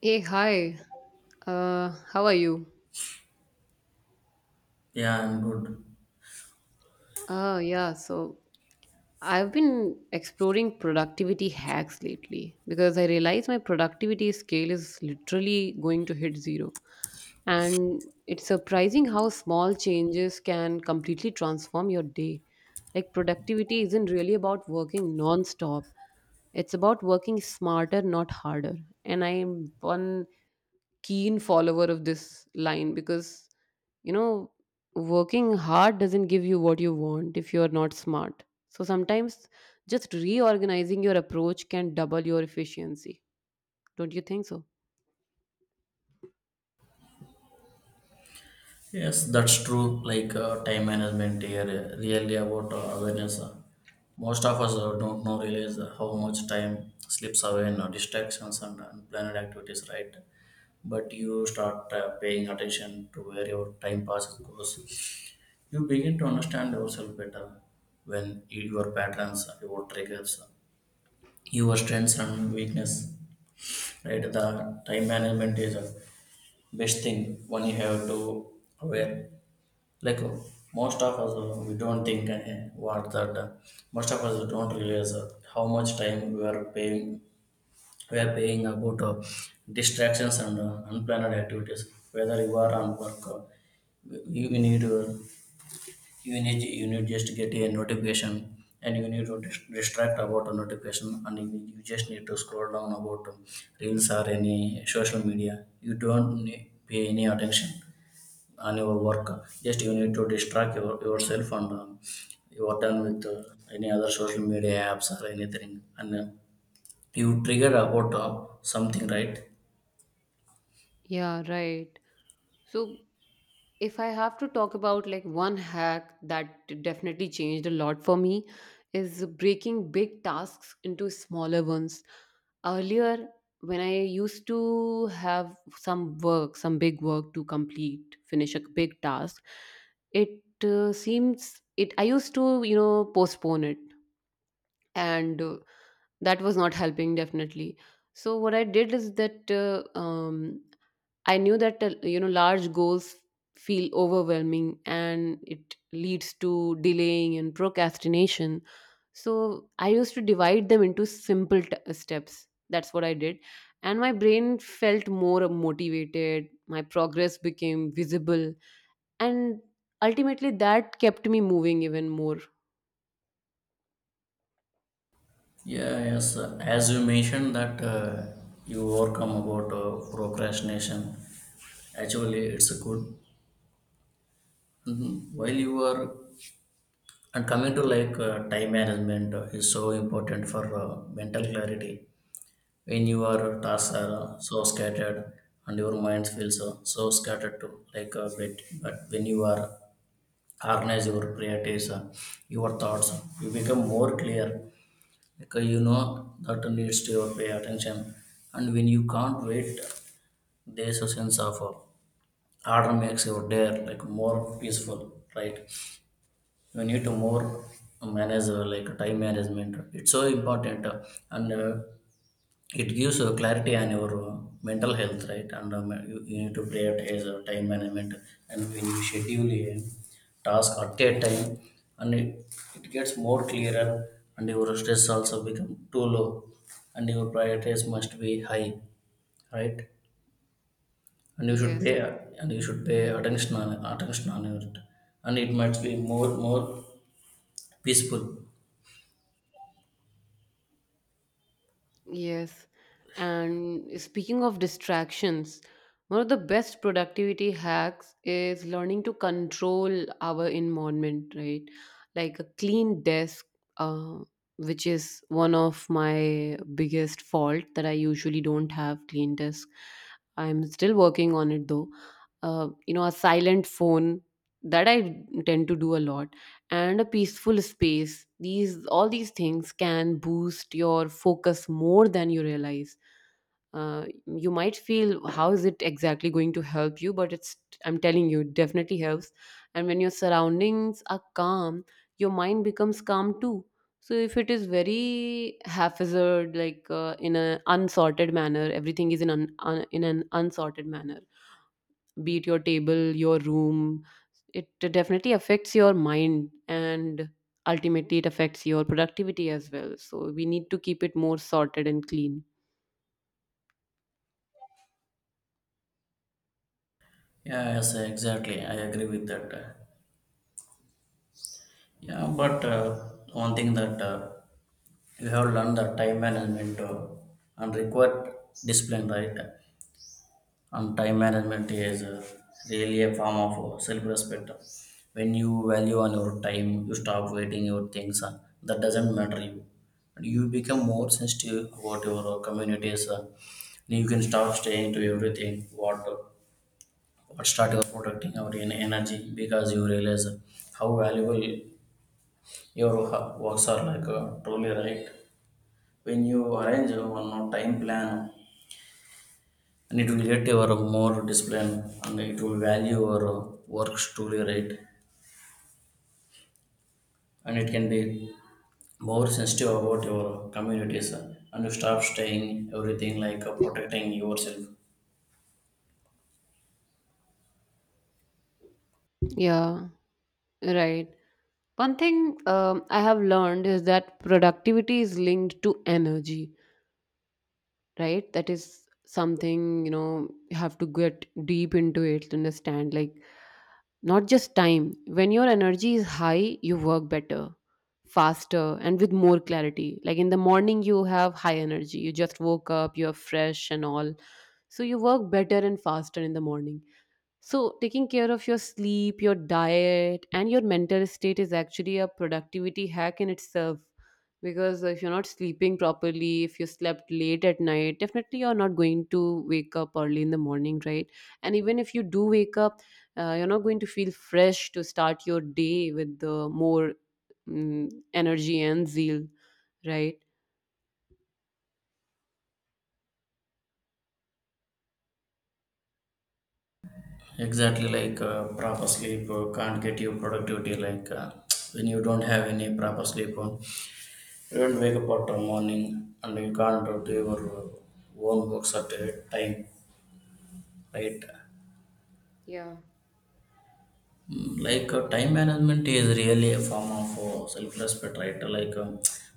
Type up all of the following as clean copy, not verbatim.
Hey, hi. How are you? Yeah, I'm good. Yeah, so I've been exploring productivity hacks lately because I realize my productivity scale is literally going to hit zero. And it's surprising how small changes can completely transform your day. Like, productivity isn't really about working non-stop. It's about working smarter, not harder. And I am one keen follower of this line because you know working hard doesn't give you what you want if you're not smart. So sometimes just reorganizing your approach can double your efficiency, don't you think so? Yes, that's true. Like time management here, really about awareness. Most of us don't know realize how much time slips away in distractions and unplanned activities, right? But you start paying attention to where your time passes goes. You begin to understand yourself better when your patterns, your triggers, your strengths and weakness, right? The time management is a best thing when you have to aware like most of us we don't think ahead what that most of us don't realize how much time we are paying about distractions and unplanned activities whether you are on work you need you need you need just get a notification and you need to distract about a notification and you just need to scroll down about reels or any social media you don't need, pay any attention on your work. Just you need to distract yourself and you are done with any other social media apps or anything. And you trigger about something, right? Yeah, right. So, if I have to talk about like one hack that definitely changed a lot for me is breaking big tasks into smaller ones. Earlier, when I used to have some work, some big work to complete, finish a big task, it seems it I used to, you know, postpone it, and that was not helping definitely. So what I did is that I knew that you know large goals feel overwhelming and it leads to delaying and procrastination. So I used to divide them into simple steps. That's what I did. And my brain felt more motivated. My progress became visible. And ultimately, that kept me moving even more. Yeah, yes. As you mentioned that you overcome about procrastination. Actually, it's a good. Mhm. While you are and coming to like time management is so important for mental clarity when your tasks are so scattered and your mind feels so scattered too, like a bit. But when you are organize your priorities, your thoughts, you become more clear because you know that needs to your pay attention. And when you can't wait, there's a sense of order makes your day like more peaceful, right? You need to more manage like time management. It's so important, and it gives you clarity on your mental health, right? And you need to prioritize your time management, and when you schedule a task at a time, and it gets more clearer, and your stress also become too low, and your priorities must be high, right? And you should Yes. pay and you should pay attention on attention on it, and it might be more more peaceful. Yes. And speaking of distractions, one of the best productivity hacks is learning to control our environment, right? Like a clean desk, uh, which is one of my biggest fault that I usually don't have clean desk. I'm still working on it though. You know, a silent phone that I tend to do a lot, and a peaceful space. These all these things can boost your focus more than you realize. You might feel how is it exactly going to help you, but it's I'm telling you, it definitely helps. And when your surroundings are calm, your mind becomes calm too. So if it is very haphazard, like in an unsorted manner, everything is in an unsorted manner, be it your table, your room. It definitely affects your mind, and ultimately it affects your productivity as well. So we need to keep it more sorted and clean. Yeah, yes, exactly, I agree with that. Yeah, but one thing that you have learned the time management and required discipline, right? And time management is really a form of self-respect. When you value on your time you stop waiting your things that doesn't matter you, and you become more sensitive about your communities and you can stop staying to everything what start your protecting your energy because you realize how valuable your works are like truly, right? When you arrange a one more time plan, and it will get your more discipline, and it will value your works truly, right, and it can be more sensitive about your communities, and you stop staying everything like protecting yourself. Yeah, right. One thing I have learned is that productivity is linked to energy, right? That is something, you know, you have to get deep into it to understand, like not just time. When your energy is high you work better, faster and with more clarity. Like in the morning you have high energy, you just woke up, you're fresh and all, so you work better and faster in the morning. So, taking care of your sleep, your diet, and your mental state is actually a productivity hack in itself. Because if you're not sleeping properly, if you slept late at night, definitely you're not going to wake up early in the morning, right? And even if you do wake up, you're not going to feel fresh to start your day with the more mm energy and zeal, right? Exactly, like proper sleep can't get you productivity like when you don't have any proper sleep. You don't wake up at morning and you can't do your own works at a time, right? Yeah. Mm, like time management is really a form of self-respect, right, like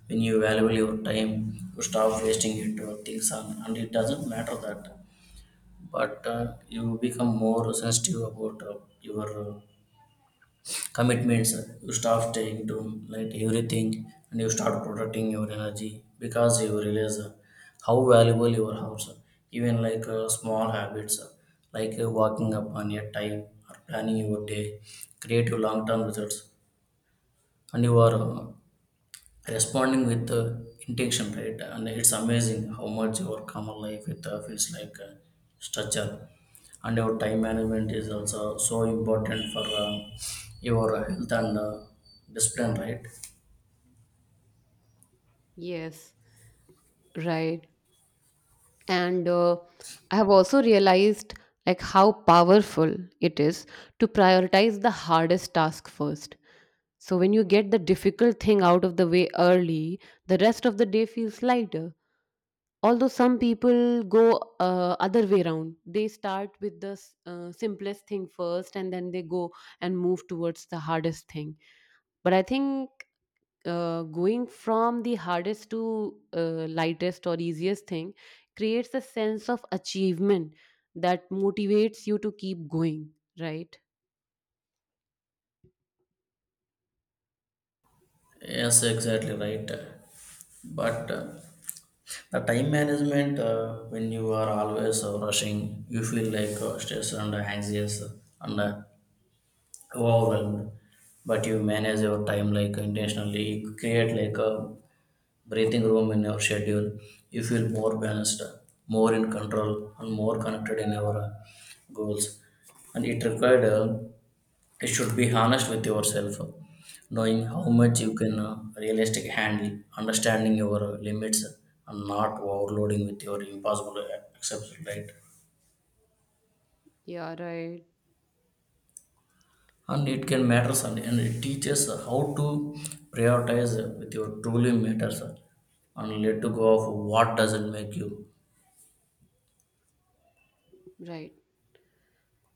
when you value your time you stop wasting it things on, and it doesn't matter that, but you become more sensitive about your commitments, you start taking to like everything, and you start protecting your energy because you realize how valuable your house even like small habits like walking up on your time or planning your day create your long-term results, and you are responding with the intention, right? And it's amazing how much your common life it feels like a structure, and your time management is also so important for your health and discipline, right? Yes, right. And I have also realized like how powerful it is to prioritize the hardest task first. So when you get the difficult thing out of the way early, the rest of the day feels lighter. Although some people go other way around, they start with the simplest thing first and then they go and move towards the hardest thing. But I think going from the hardest to lightest or easiest thing creates a sense of achievement that motivates you to keep going, right? Yes, exactly, right. But the time management when you are always rushing you feel like stressed and anxious, and wow, then, but you manage your time like intentionally. You create like a breathing room in your schedule. You feel more balanced, more in control, and more connected in your goals. And it required, you should be honest with yourself, knowing how much you can realistic handle, understanding your limits, and not overloading with your impossible acceptance, right? Yeah, right. And it can matters, and it teaches how to prioritize with your truly matters and let to go of what doesn't make you. Right.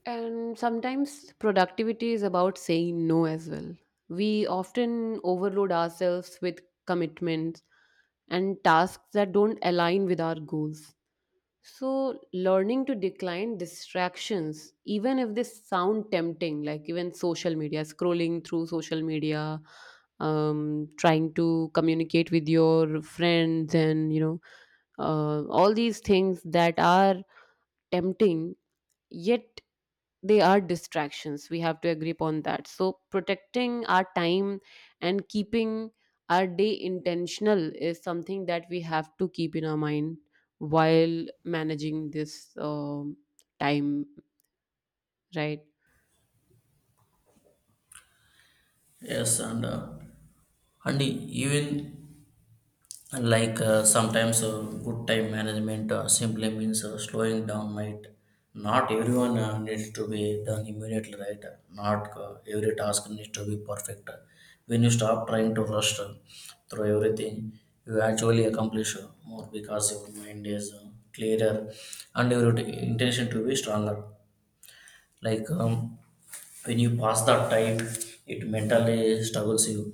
And sometimes productivity is about saying no as well. We often overload ourselves with commitments and tasks that don't align with our goals. So, learning to decline distractions, even if they sound tempting, like even social media, scrolling through social media, trying to communicate with your friends, and all these things that are tempting, yet they are distractions, we have to agree upon that. So protecting our time and keeping our day intentional is something that we have to keep in our mind while managing this time, right? Yes, and even, and like sometimes good time management simply means slowing down, right? Not everyone needs to be done immediately, right? Not every task needs to be perfect. When you stop trying to rush through everything you actually accomplish more because your mind is clearer and your intention to be stronger. Like when you pass that time it mentally struggles you,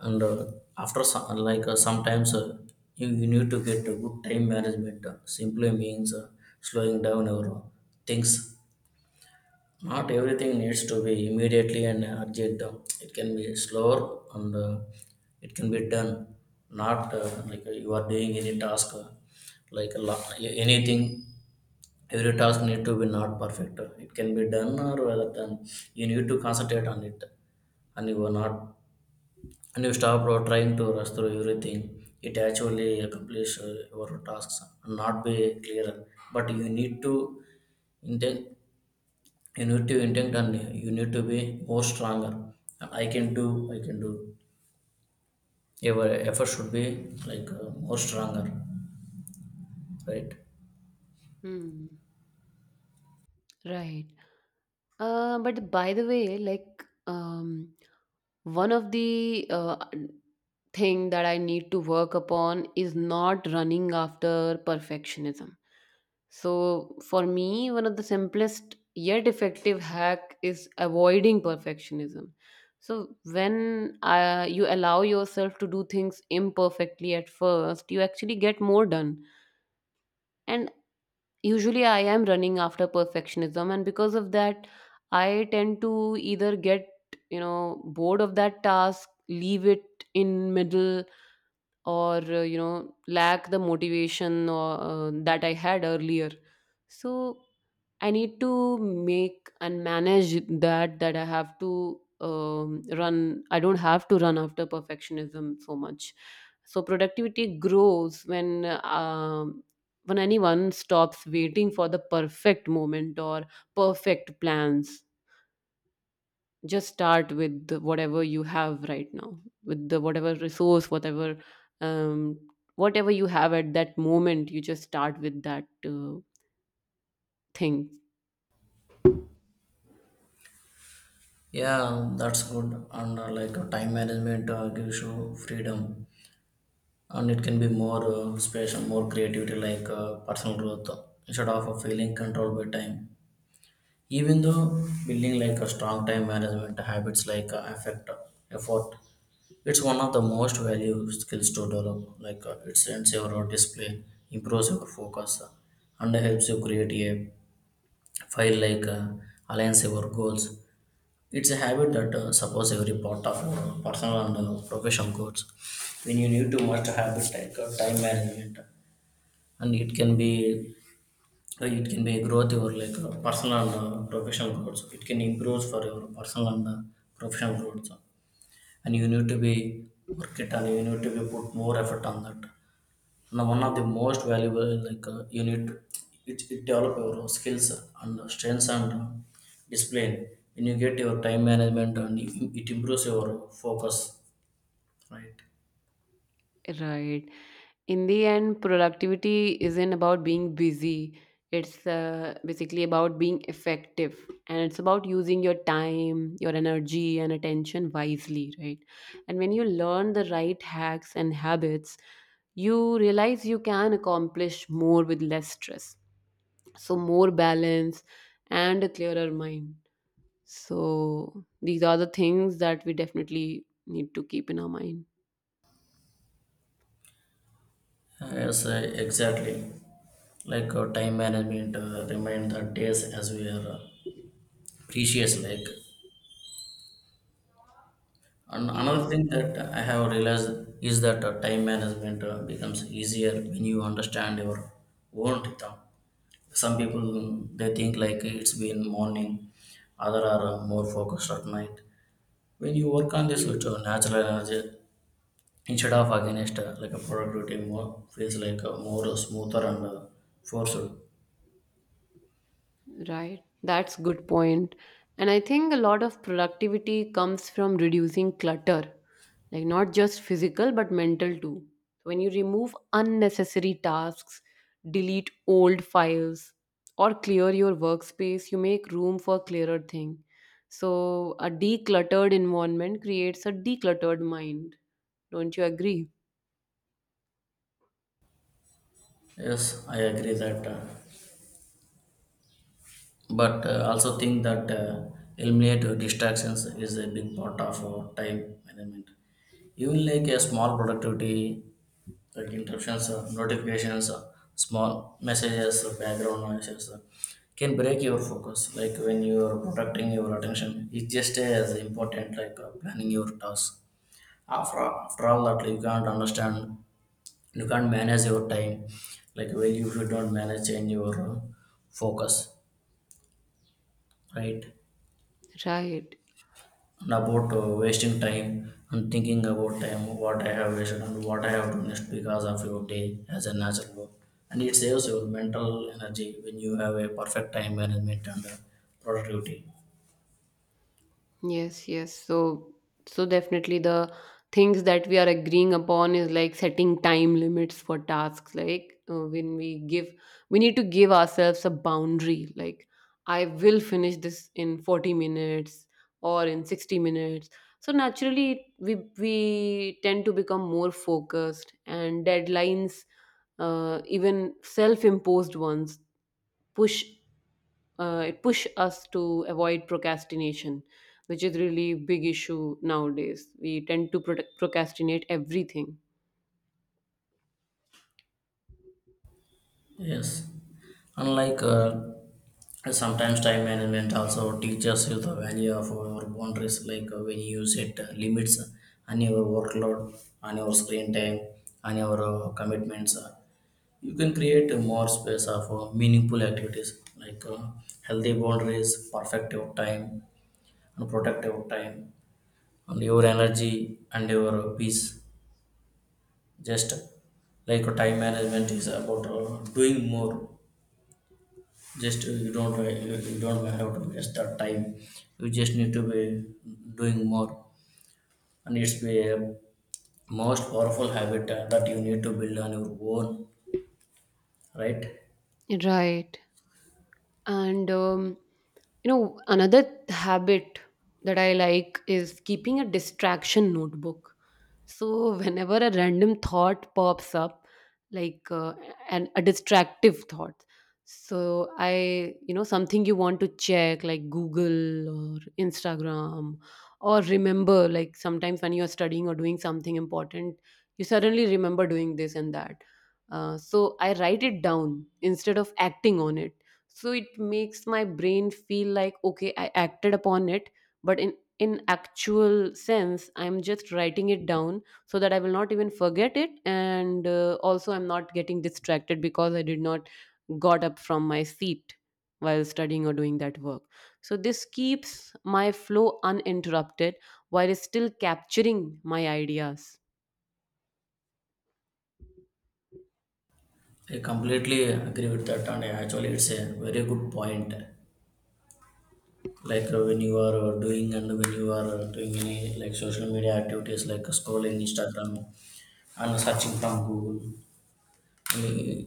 and after some, like sometimes you need to get a good time management simply means slowing down your things. Not everything needs to be immediately and urgent, it can be slower, and it can be done. Not like you are doing any task like a lot, anything every task need to be not perfect, it can be done or rather than you need to concentrate on it, and you were not, and you stop trying to rush through everything, it actually accomplish your tasks and not be clear, but you need to intent, you need to intent and you need to be more stronger, and I can do, I can do, your effort should be like more stronger, right? Hmm. Right. But by the way, like one of the thing that I need to work upon is not running after perfectionism. So for me, one of the simplest yet effective hack is avoiding perfectionism. So when you allow yourself to do things imperfectly at first, you actually get more done. And usually, I am running after perfectionism, and because of that, I tend to either get, you know, bored of that task, leave it in middle, or you know, lack the motivation or, that I had earlier. So I need to make and manage that that I have to run. I don't have to run after perfectionism so much. So productivity grows when anyone stops waiting for the perfect moment or perfect plans. Just start with the- whatever you have right now, with the whatever resource, whatever um, whatever you have at that moment. You just start with that thing, Yeah, that's good. And like time management gives you freedom, and it can be more space and more creativity like personal growth, instead of feeling controlled by time. Even though building like a strong time management habits like affect effort, it's one of the most valuable skills to develop. Like it sends your display, improves your focus, and helps you create a file like aligns your goals. It's a habit that supports every part of your personal and professional goals. When you need to master habit like time management, and it can be it can be growth your like personal and professional growth. So, it can improve for your personal and professional growth. So, and you need to be work it and you need to be put more effort on that. And one of the most valuable like you need to, it develop your skills and strengths and discipline. When you get your time management and it improves your focus, right? right? In the end productivity isn't about being busy, it's basically about being effective, and it's about using your time, your energy and attention wisely, right? And when you learn the right hacks and habits, you realize you can accomplish more with less stress, so more balance and a clearer mind. So these are the things that we definitely need to keep in our mind. Yes, exactly, like time management remind the days as we are precious like, and another Yes. thing that I have realized is that time management becomes easier when you understand your own rhythm. Some people mm, they think like it's been morning, other are more focused at night. When you work on this with natural energy instead of against like a productivity more feels like more smoother and forceful. Right. That's good point. And I think a lot of productivity comes from reducing clutter, like not just physical but mental too. When you remove unnecessary tasks, delete old files, or clear your workspace, you make room for clearer thing. So a decluttered environment creates a decluttered mind. Don't you agree? Yes, I agree that. But also think that eliminate your distractions is a big part of our time management, even like a small productivity like interruptions notifications small messages background noises can break your focus, like when you are protecting your attention it's just as important like planning your tasks. After all that you can't understand you can't manage your time like well if you don't manage change your focus, right? Right. About wasting time and thinking about time what I have wasted and what I have done next because of your day as a natural work. And it saves your mental energy when you have a perfect time management and productivity. Yes, yes. So, so definitely the things that we are agreeing upon is like setting time limits for tasks. Like when we give, we need to give ourselves a boundary. Like I will finish this in 40 minutes or in 60 minutes. So naturally, we tend to become more focused, and deadlines, even self-imposed ones, push it push us to avoid procrastination, which is really big issue nowadays. We tend to procrastinate everything, Yes. Unlike sometimes time management also teaches you the value of your boundaries, like when you set limits on your workload, on your screen time, on your commitments. You can create a more space of meaningful activities like healthy boundaries, perfect your time, and protect your time, and your energy and your peace. Just like time management is about doing more. Just you don't have to waste that time. You just need to be doing more, and it's be a most powerful habit that you need to build on your own, right? right? And you know, another habit that I like is keeping a distraction notebook. So whenever a random thought pops up, like an a distractive thought, so I, you know, something you want to check like Google or Instagram, or remember like sometimes when you are studying or doing something important, you suddenly remember doing this and that. So I write it down instead of acting on it. So it makes my brain feel like okay, I acted upon it, but in actual sense I'm just writing it down so that I will not even forget it, and also I'm not getting distracted because I did not got up from my seat while studying or doing that work. So this keeps my flow uninterrupted while still capturing my ideas. I completely agree with that, and actually, it's a very good point. Like when you are doing any like social media activities like scrolling Instagram and searching from Google you-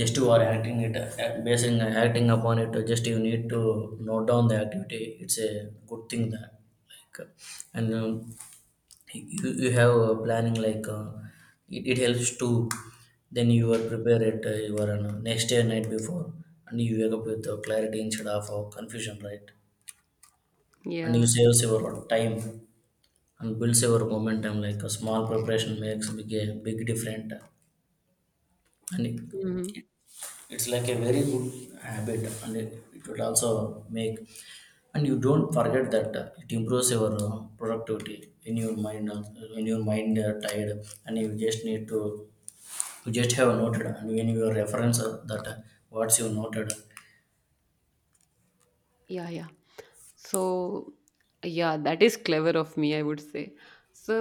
just you are acting it basing acting upon it, just you need to note down the activity. It's a good thing that like uh, and you have a planning like it helps to, then you are prepare it you are next day night before, and you wake up with clarity instead of confusion, right? And you Yeah. saves your time and builds your momentum, like a small preparation makes big a big difference. and it- Mhm. it's like a very good habit, it will also make, and you don't forget that. It improves your productivity in your mind, when your mind tired, and you just need to, you just have noted, and when you reference that what's you noted. Yeah, yeah. So, yeah, that is clever of me, I would say. So,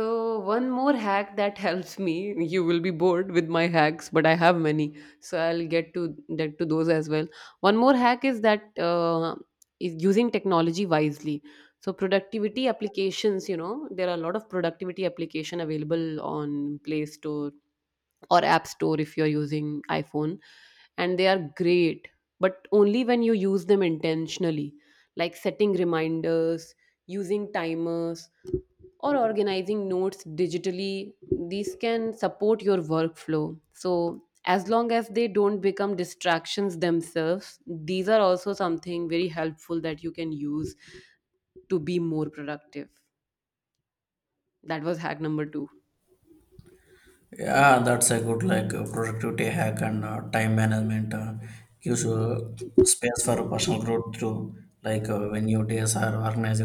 one more hack that helps me. You will be bored with my hacks, but I have many, so I'll get to those as well. One more hack is that is using technology wisely. So, productivity applications, you know, there are a lot of productivity application available on Play Store or app store if you're using iPhone, and they are great, but only when you use them intentionally, like setting reminders, using timers, or organizing notes digitally. These can support your workflow so as long as they don't become distractions themselves, these are also something very helpful that you can use to be more productive. That was hack number 2. Yeah, that's a good like productivity hack, and time management gives you space for personal growth too. Like when your days are organized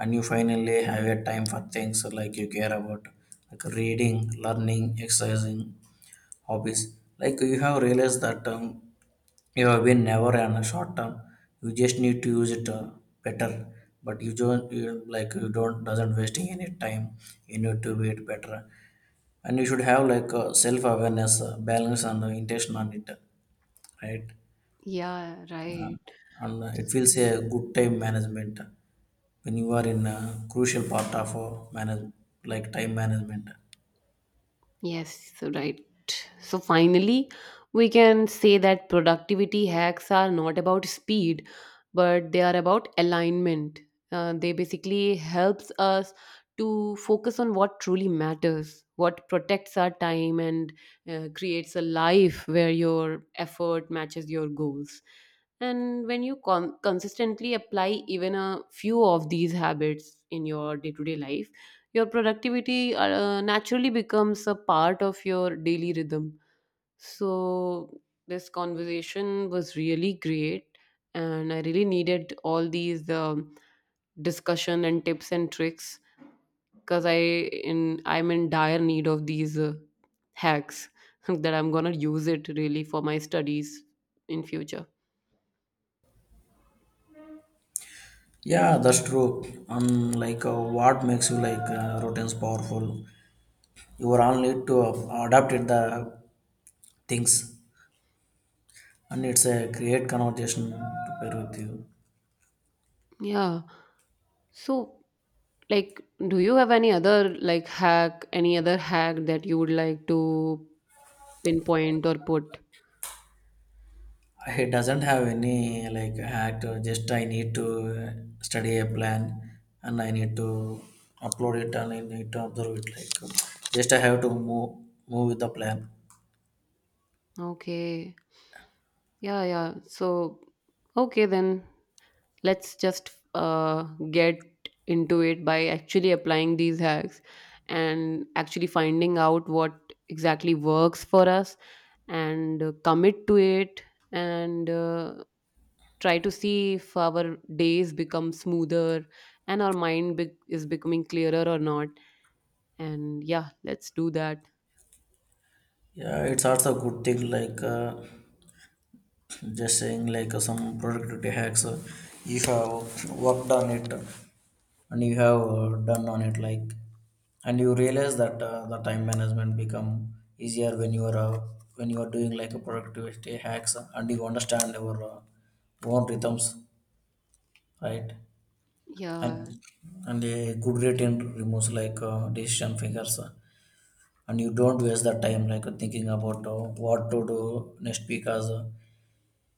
and you finally have a time for things like you care about, like reading, learning, exercising, hobbies. Like you have realized that you have been never on a short term. You just need to use it better. But you don't you, like you don't doesn't wasting any time. You need to be it better, and you should have like self awareness, balance, and intention on it, right? Yeah, Uh, right. and it feels a good time management when you are in a crucial part of manage, like time management. Yes, so right. So finally, we can say that productivity hacks are not about speed, but they are about alignment. They basically helps us to focus on what truly matters, what protects our time and creates a life where your effort matches your goals. And when you consistently apply even a few of these habits in your day to day life, your productivity naturally becomes a part of your daily rhythm. So, this conversation was really great, and I really needed all these discussion and tips and tricks because in I'm in dire need of these hacks that I'm gonna use it really for my studies in future. Yeah, that's true. And like what makes you like routines powerful? You are all need to adapt it the things, and it's a create conversation to pair with you. Yeah. So, like, do you have any other like hack, any other hack that you would like to pinpoint or put? He doesn't have any like hack. Just I need to study a plan, and I need to upload it, and I need to observe it. Like just I have to move with the plan. Okay. Yeah, yeah. So, okay, then let's just get into it by actually applying these hacks and actually finding out what exactly works for us and commit to it and try to see if our days become smoother and our is becoming clearer or not, and yeah, let's do that. Yeah, it's also a good thing. Like. Just saying like some productivity hacks, you have worked on it, and you have done on it, like, and you realize that the time management become easier when you are doing like a productivity hacks, and you understand your own rhythms, right? and Yeah. and a good routine removes like decision fingers, and you don't waste the time like thinking about what to do next, because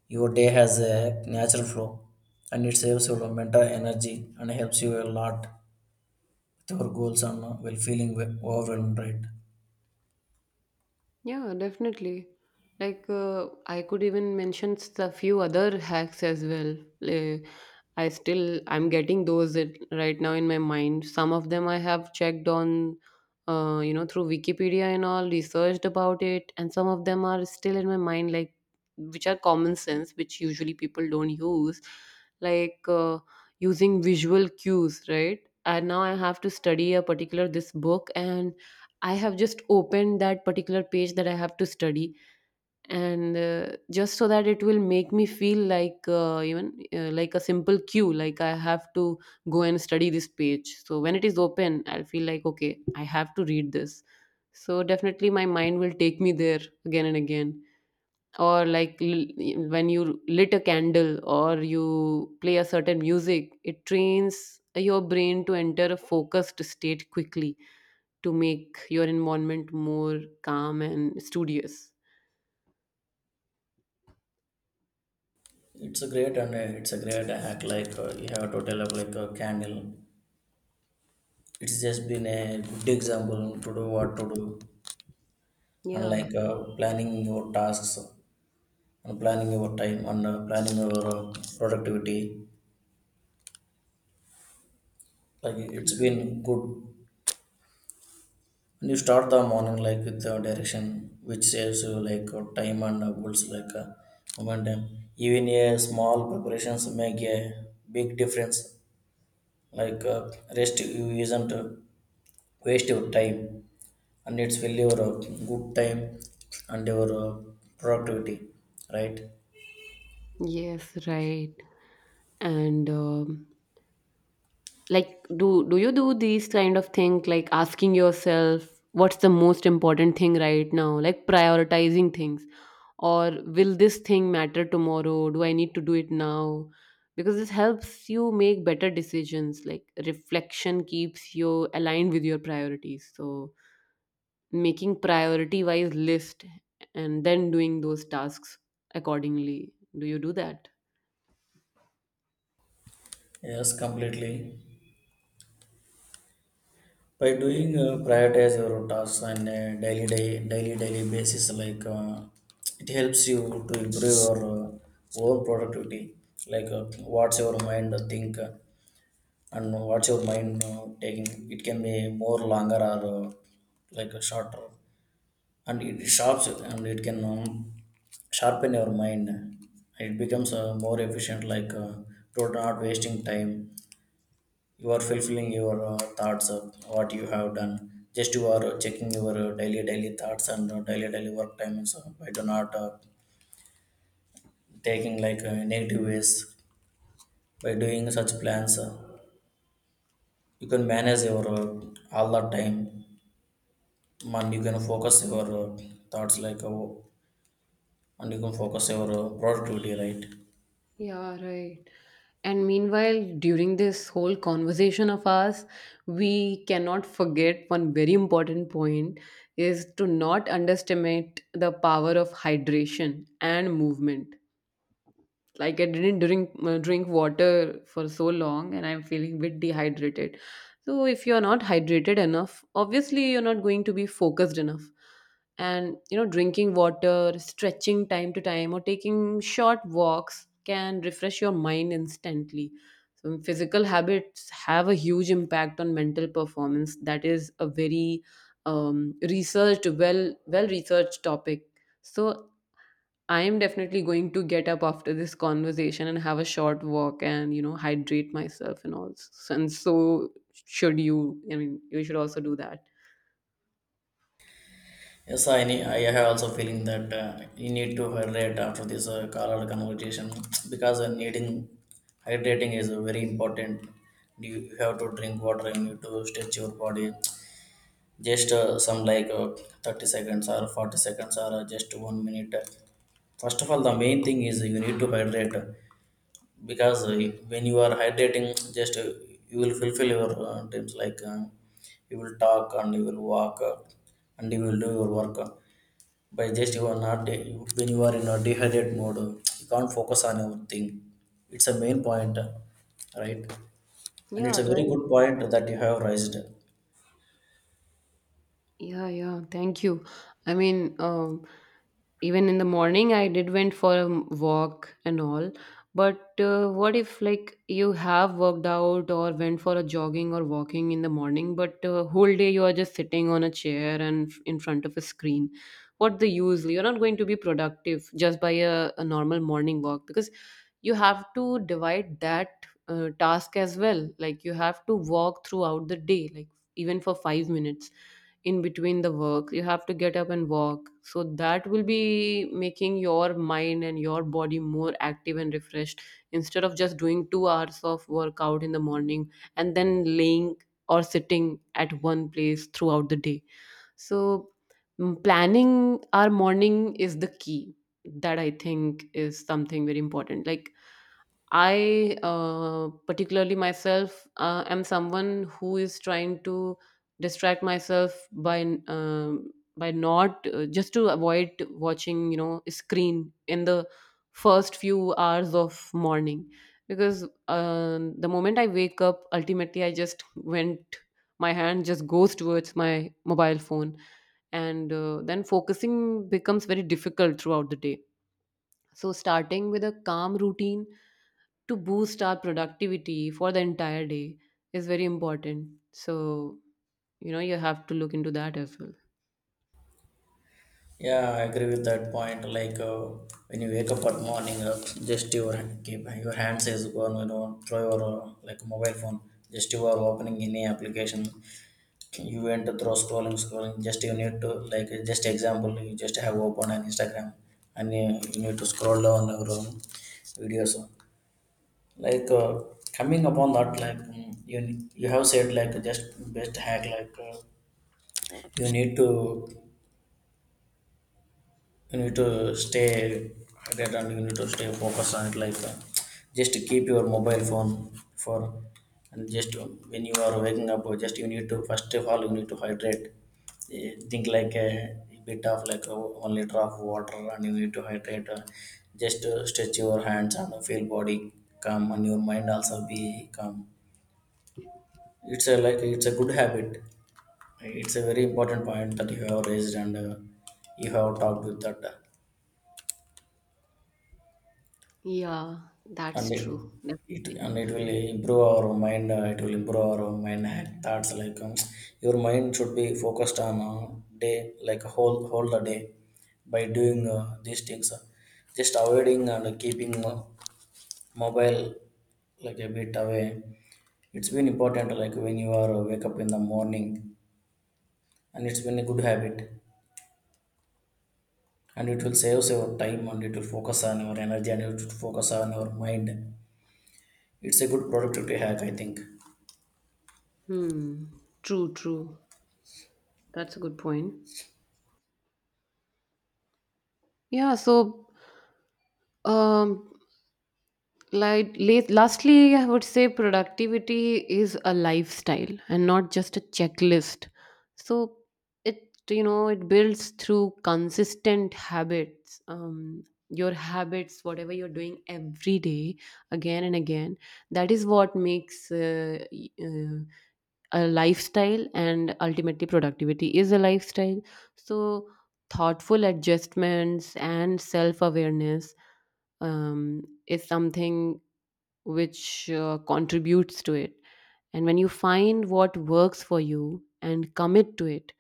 your day has a natural flow, and it saves your mental energy and helps you a lot with your goals, and well feeling overwhelmed, right? Yeah, definitely. I could even mention a few other hacks as well. Uh, I'm getting those it, right now in my mind. Some of them I have checked on, you know, through Wikipedia and all, researched about it, and some of them are still in my mind, like which are common sense, which usually people don't use, like uh, using visual cues, right? And now I have to study a particular this book, and I have just opened that particular page that I have to study, and just so that it will make me feel like even like a simple cue, like I have to go and study this page. So when it is open, I'll feel like, okay, I have to read this. So definitely, my mind will take me there again and again. Or like when you lit a candle or you play a certain music, it trains your brain to enter a focused state quickly to make your environment more calm and studious. It's a great and it's a great hack. Like you have to tell up like a candle. It's just been a good example to do what to do, and Yeah. like planning your tasks, and planning your time, and planning your productivity. Like it's Okay. been good. And you start the morning like with the direction, which saves you like time and builds like momentum. Even a small preparations make a big difference, like rest you isn't waste your time, and it's will your good time and your productivity, right? Yes, right. And like, do you do these kind of things like asking yourself what's the most important thing right now, like prioritizing things, or will this thing matter tomorrow? Do I need to do it now? Because this helps you make better decisions. Like reflection keeps you aligned with your priorities. So making priority wise list and then doing those tasks accordingly, do you do that? Yes, completely. By Yeah, doing prioritize your tasks on a daily day daily daily basis, like it helps you to improve your own productivity, like what's your mind think, and what's your mind taking. It can be more longer or like a shorter, and it sharps and it can sharpen your mind. It becomes more efficient, like to not wasting time. You are fulfilling your thoughts of what you have done. Just you are checking your daily daily thoughts and daily daily work times, so by do not taking like negative ways. By doing such plans, you can manage your all the time, and you can focus your thoughts, like and you can focus your productivity, right? yeah, right. And meanwhile, during this whole conversation of ours, we cannot forget one very important point is to not underestimate the power of hydration and movement. Like I didn't drink water for so long, and I'm feeling a bit dehydrated. So if you're not hydrated enough, obviously you're not going to be focused enough. And you know, drinking water, stretching time to time, or taking short walks can refresh your mind instantly. So physical habits have a huge impact on mental performance. That is a very researched, well researched topic. So I am definitely going to get up after this conversation and have a short walk and, you know, hydrate myself and all. And so should you. I mean, you should also do that. Yes, I have also feeling that you need to hydrate after this color conversation because needing hydrating is very important. You have to drink water, and you need to stretch your body. Just some like 30 seconds or 40 seconds, or just 1 minute. First of all, the main thing is you need to hydrate, because when you are hydrating, just you will fulfill your dreams, like you will talk and you will walk, and you will do your work. By just you are not, when you are in a dehydrated mode, you can't focus on your thing. It's a main point, right? And Yeah, it's a very right. good point that you have raised. Yeah, yeah. Thank you. I mean, even in the morning, I did went for a walk and all. But what if like you have worked out or went for a jogging or walking in the morning, but whole day you are just sitting on a chair and in front of a screen? What the use? You're not going to be productive just by a normal morning walk, because you have to divide that task as well. Like you have to walk throughout the day, like even for 5 minutes in between the work you have to get up and walk, so that will be making your mind and your body more active and refreshed instead of just doing 2 hours of workout in the morning and then laying or sitting at one place throughout the day. So, planning our morning is the key. That I think is something very important. Like I, particularly myself, am someone who is trying to distract myself by not just to avoid watching, you know, screen in the first few hours of morning, because the moment I wake up, ultimately I just went my hand just goes towards my mobile phone, and then focusing becomes very difficult throughout the day. So starting with a calm routine to boost our productivity for the entire day is very important. So, you know, you have to look into that as well. Yeah, I agree with that point. Like when you wake up at morning, just your keep your hands is gone, you know, throw your like mobile phone, just you are opening any application. You went through scrolling scrolling, just you need to like just example, you just have open an Instagram, and you need to scroll down your own videos, like coming upon that like mm, you have said like just best hack. Like you need to, you need to stay hydrated, and you need to stay focused on it, like just keep your mobile phone for, and just when you are waking up, just you need to, first of all, you need to hydrate. Eh, think like a bit of like a 1 liter of water, and you need to hydrate. Just stretch your hands and feel body calm, and your mind also be calm. It's a like it's a good habit. It's a very important point that you have raised, and you have talked with that. Yeah, and that's it, true. it Definitely. and it will improve our mind, it will improve our mind thoughts, like your mind should be focused on day, like whole the day. By doing these things, just avoiding and keeping mobile like a bit away. It's been important, like when you are wake up in the morning, and it's been a good habit, and it will save your time, and it will focus on your energy, and it will focus on your mind. It's a good productivity hack, I think. Hmm. True, true. That's a good point. Yeah, so um lastly, I would say productivity is a lifestyle and not just a checklist. So it, you know, it builds through consistent habits. Your habits, whatever you're doing every day again and again, that is what makes a lifestyle, and ultimately productivity is a lifestyle. So thoughtful adjustments and self awareness is something which contributes to it. And when you find what works for you and commit to it,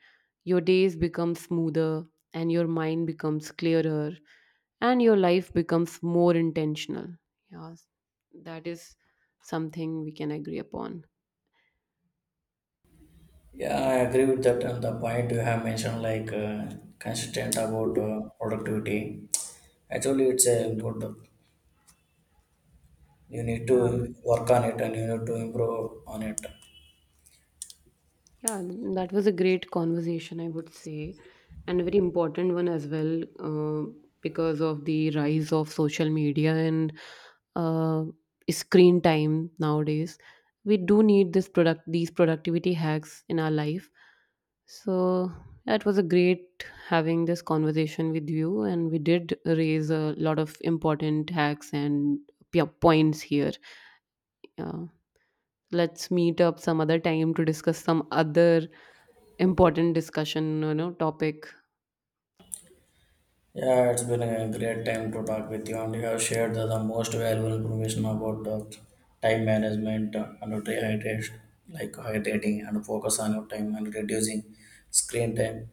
your days become smoother and your mind becomes clearer and your life becomes more intentional. Yes, that is something we can agree upon. Yeah, I agree with that, and the point you have mentioned, like consistent about productivity. Actually, it's a good, you need Yeah. to work on it, and you need to improve on it. Yeah, that was a great conversation, I would say, and a very important one as well, because of the rise of social media and uh, screen time nowadays. We do need these productivity hacks in our life. So yeah, it was a great having this conversation with you, and we did raise a lot of important hacks and points here. Yeah, let's meet up some other time to discuss some other important discussion, you know, topic. Yeah, it's been a great time to talk with you, and you have shared the most valuable information about time management and hydration, like hydrating and focus on your time and reducing screen time.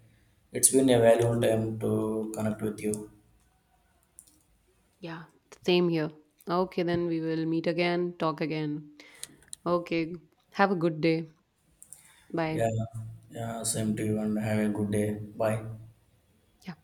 It's been a valuable time to connect with you. Yeah, same here. Okay, then we will meet again, talk again. Okay, have a good day. Bye. Yeah, yeah, same to you, and have a good day. Bye. Yeah.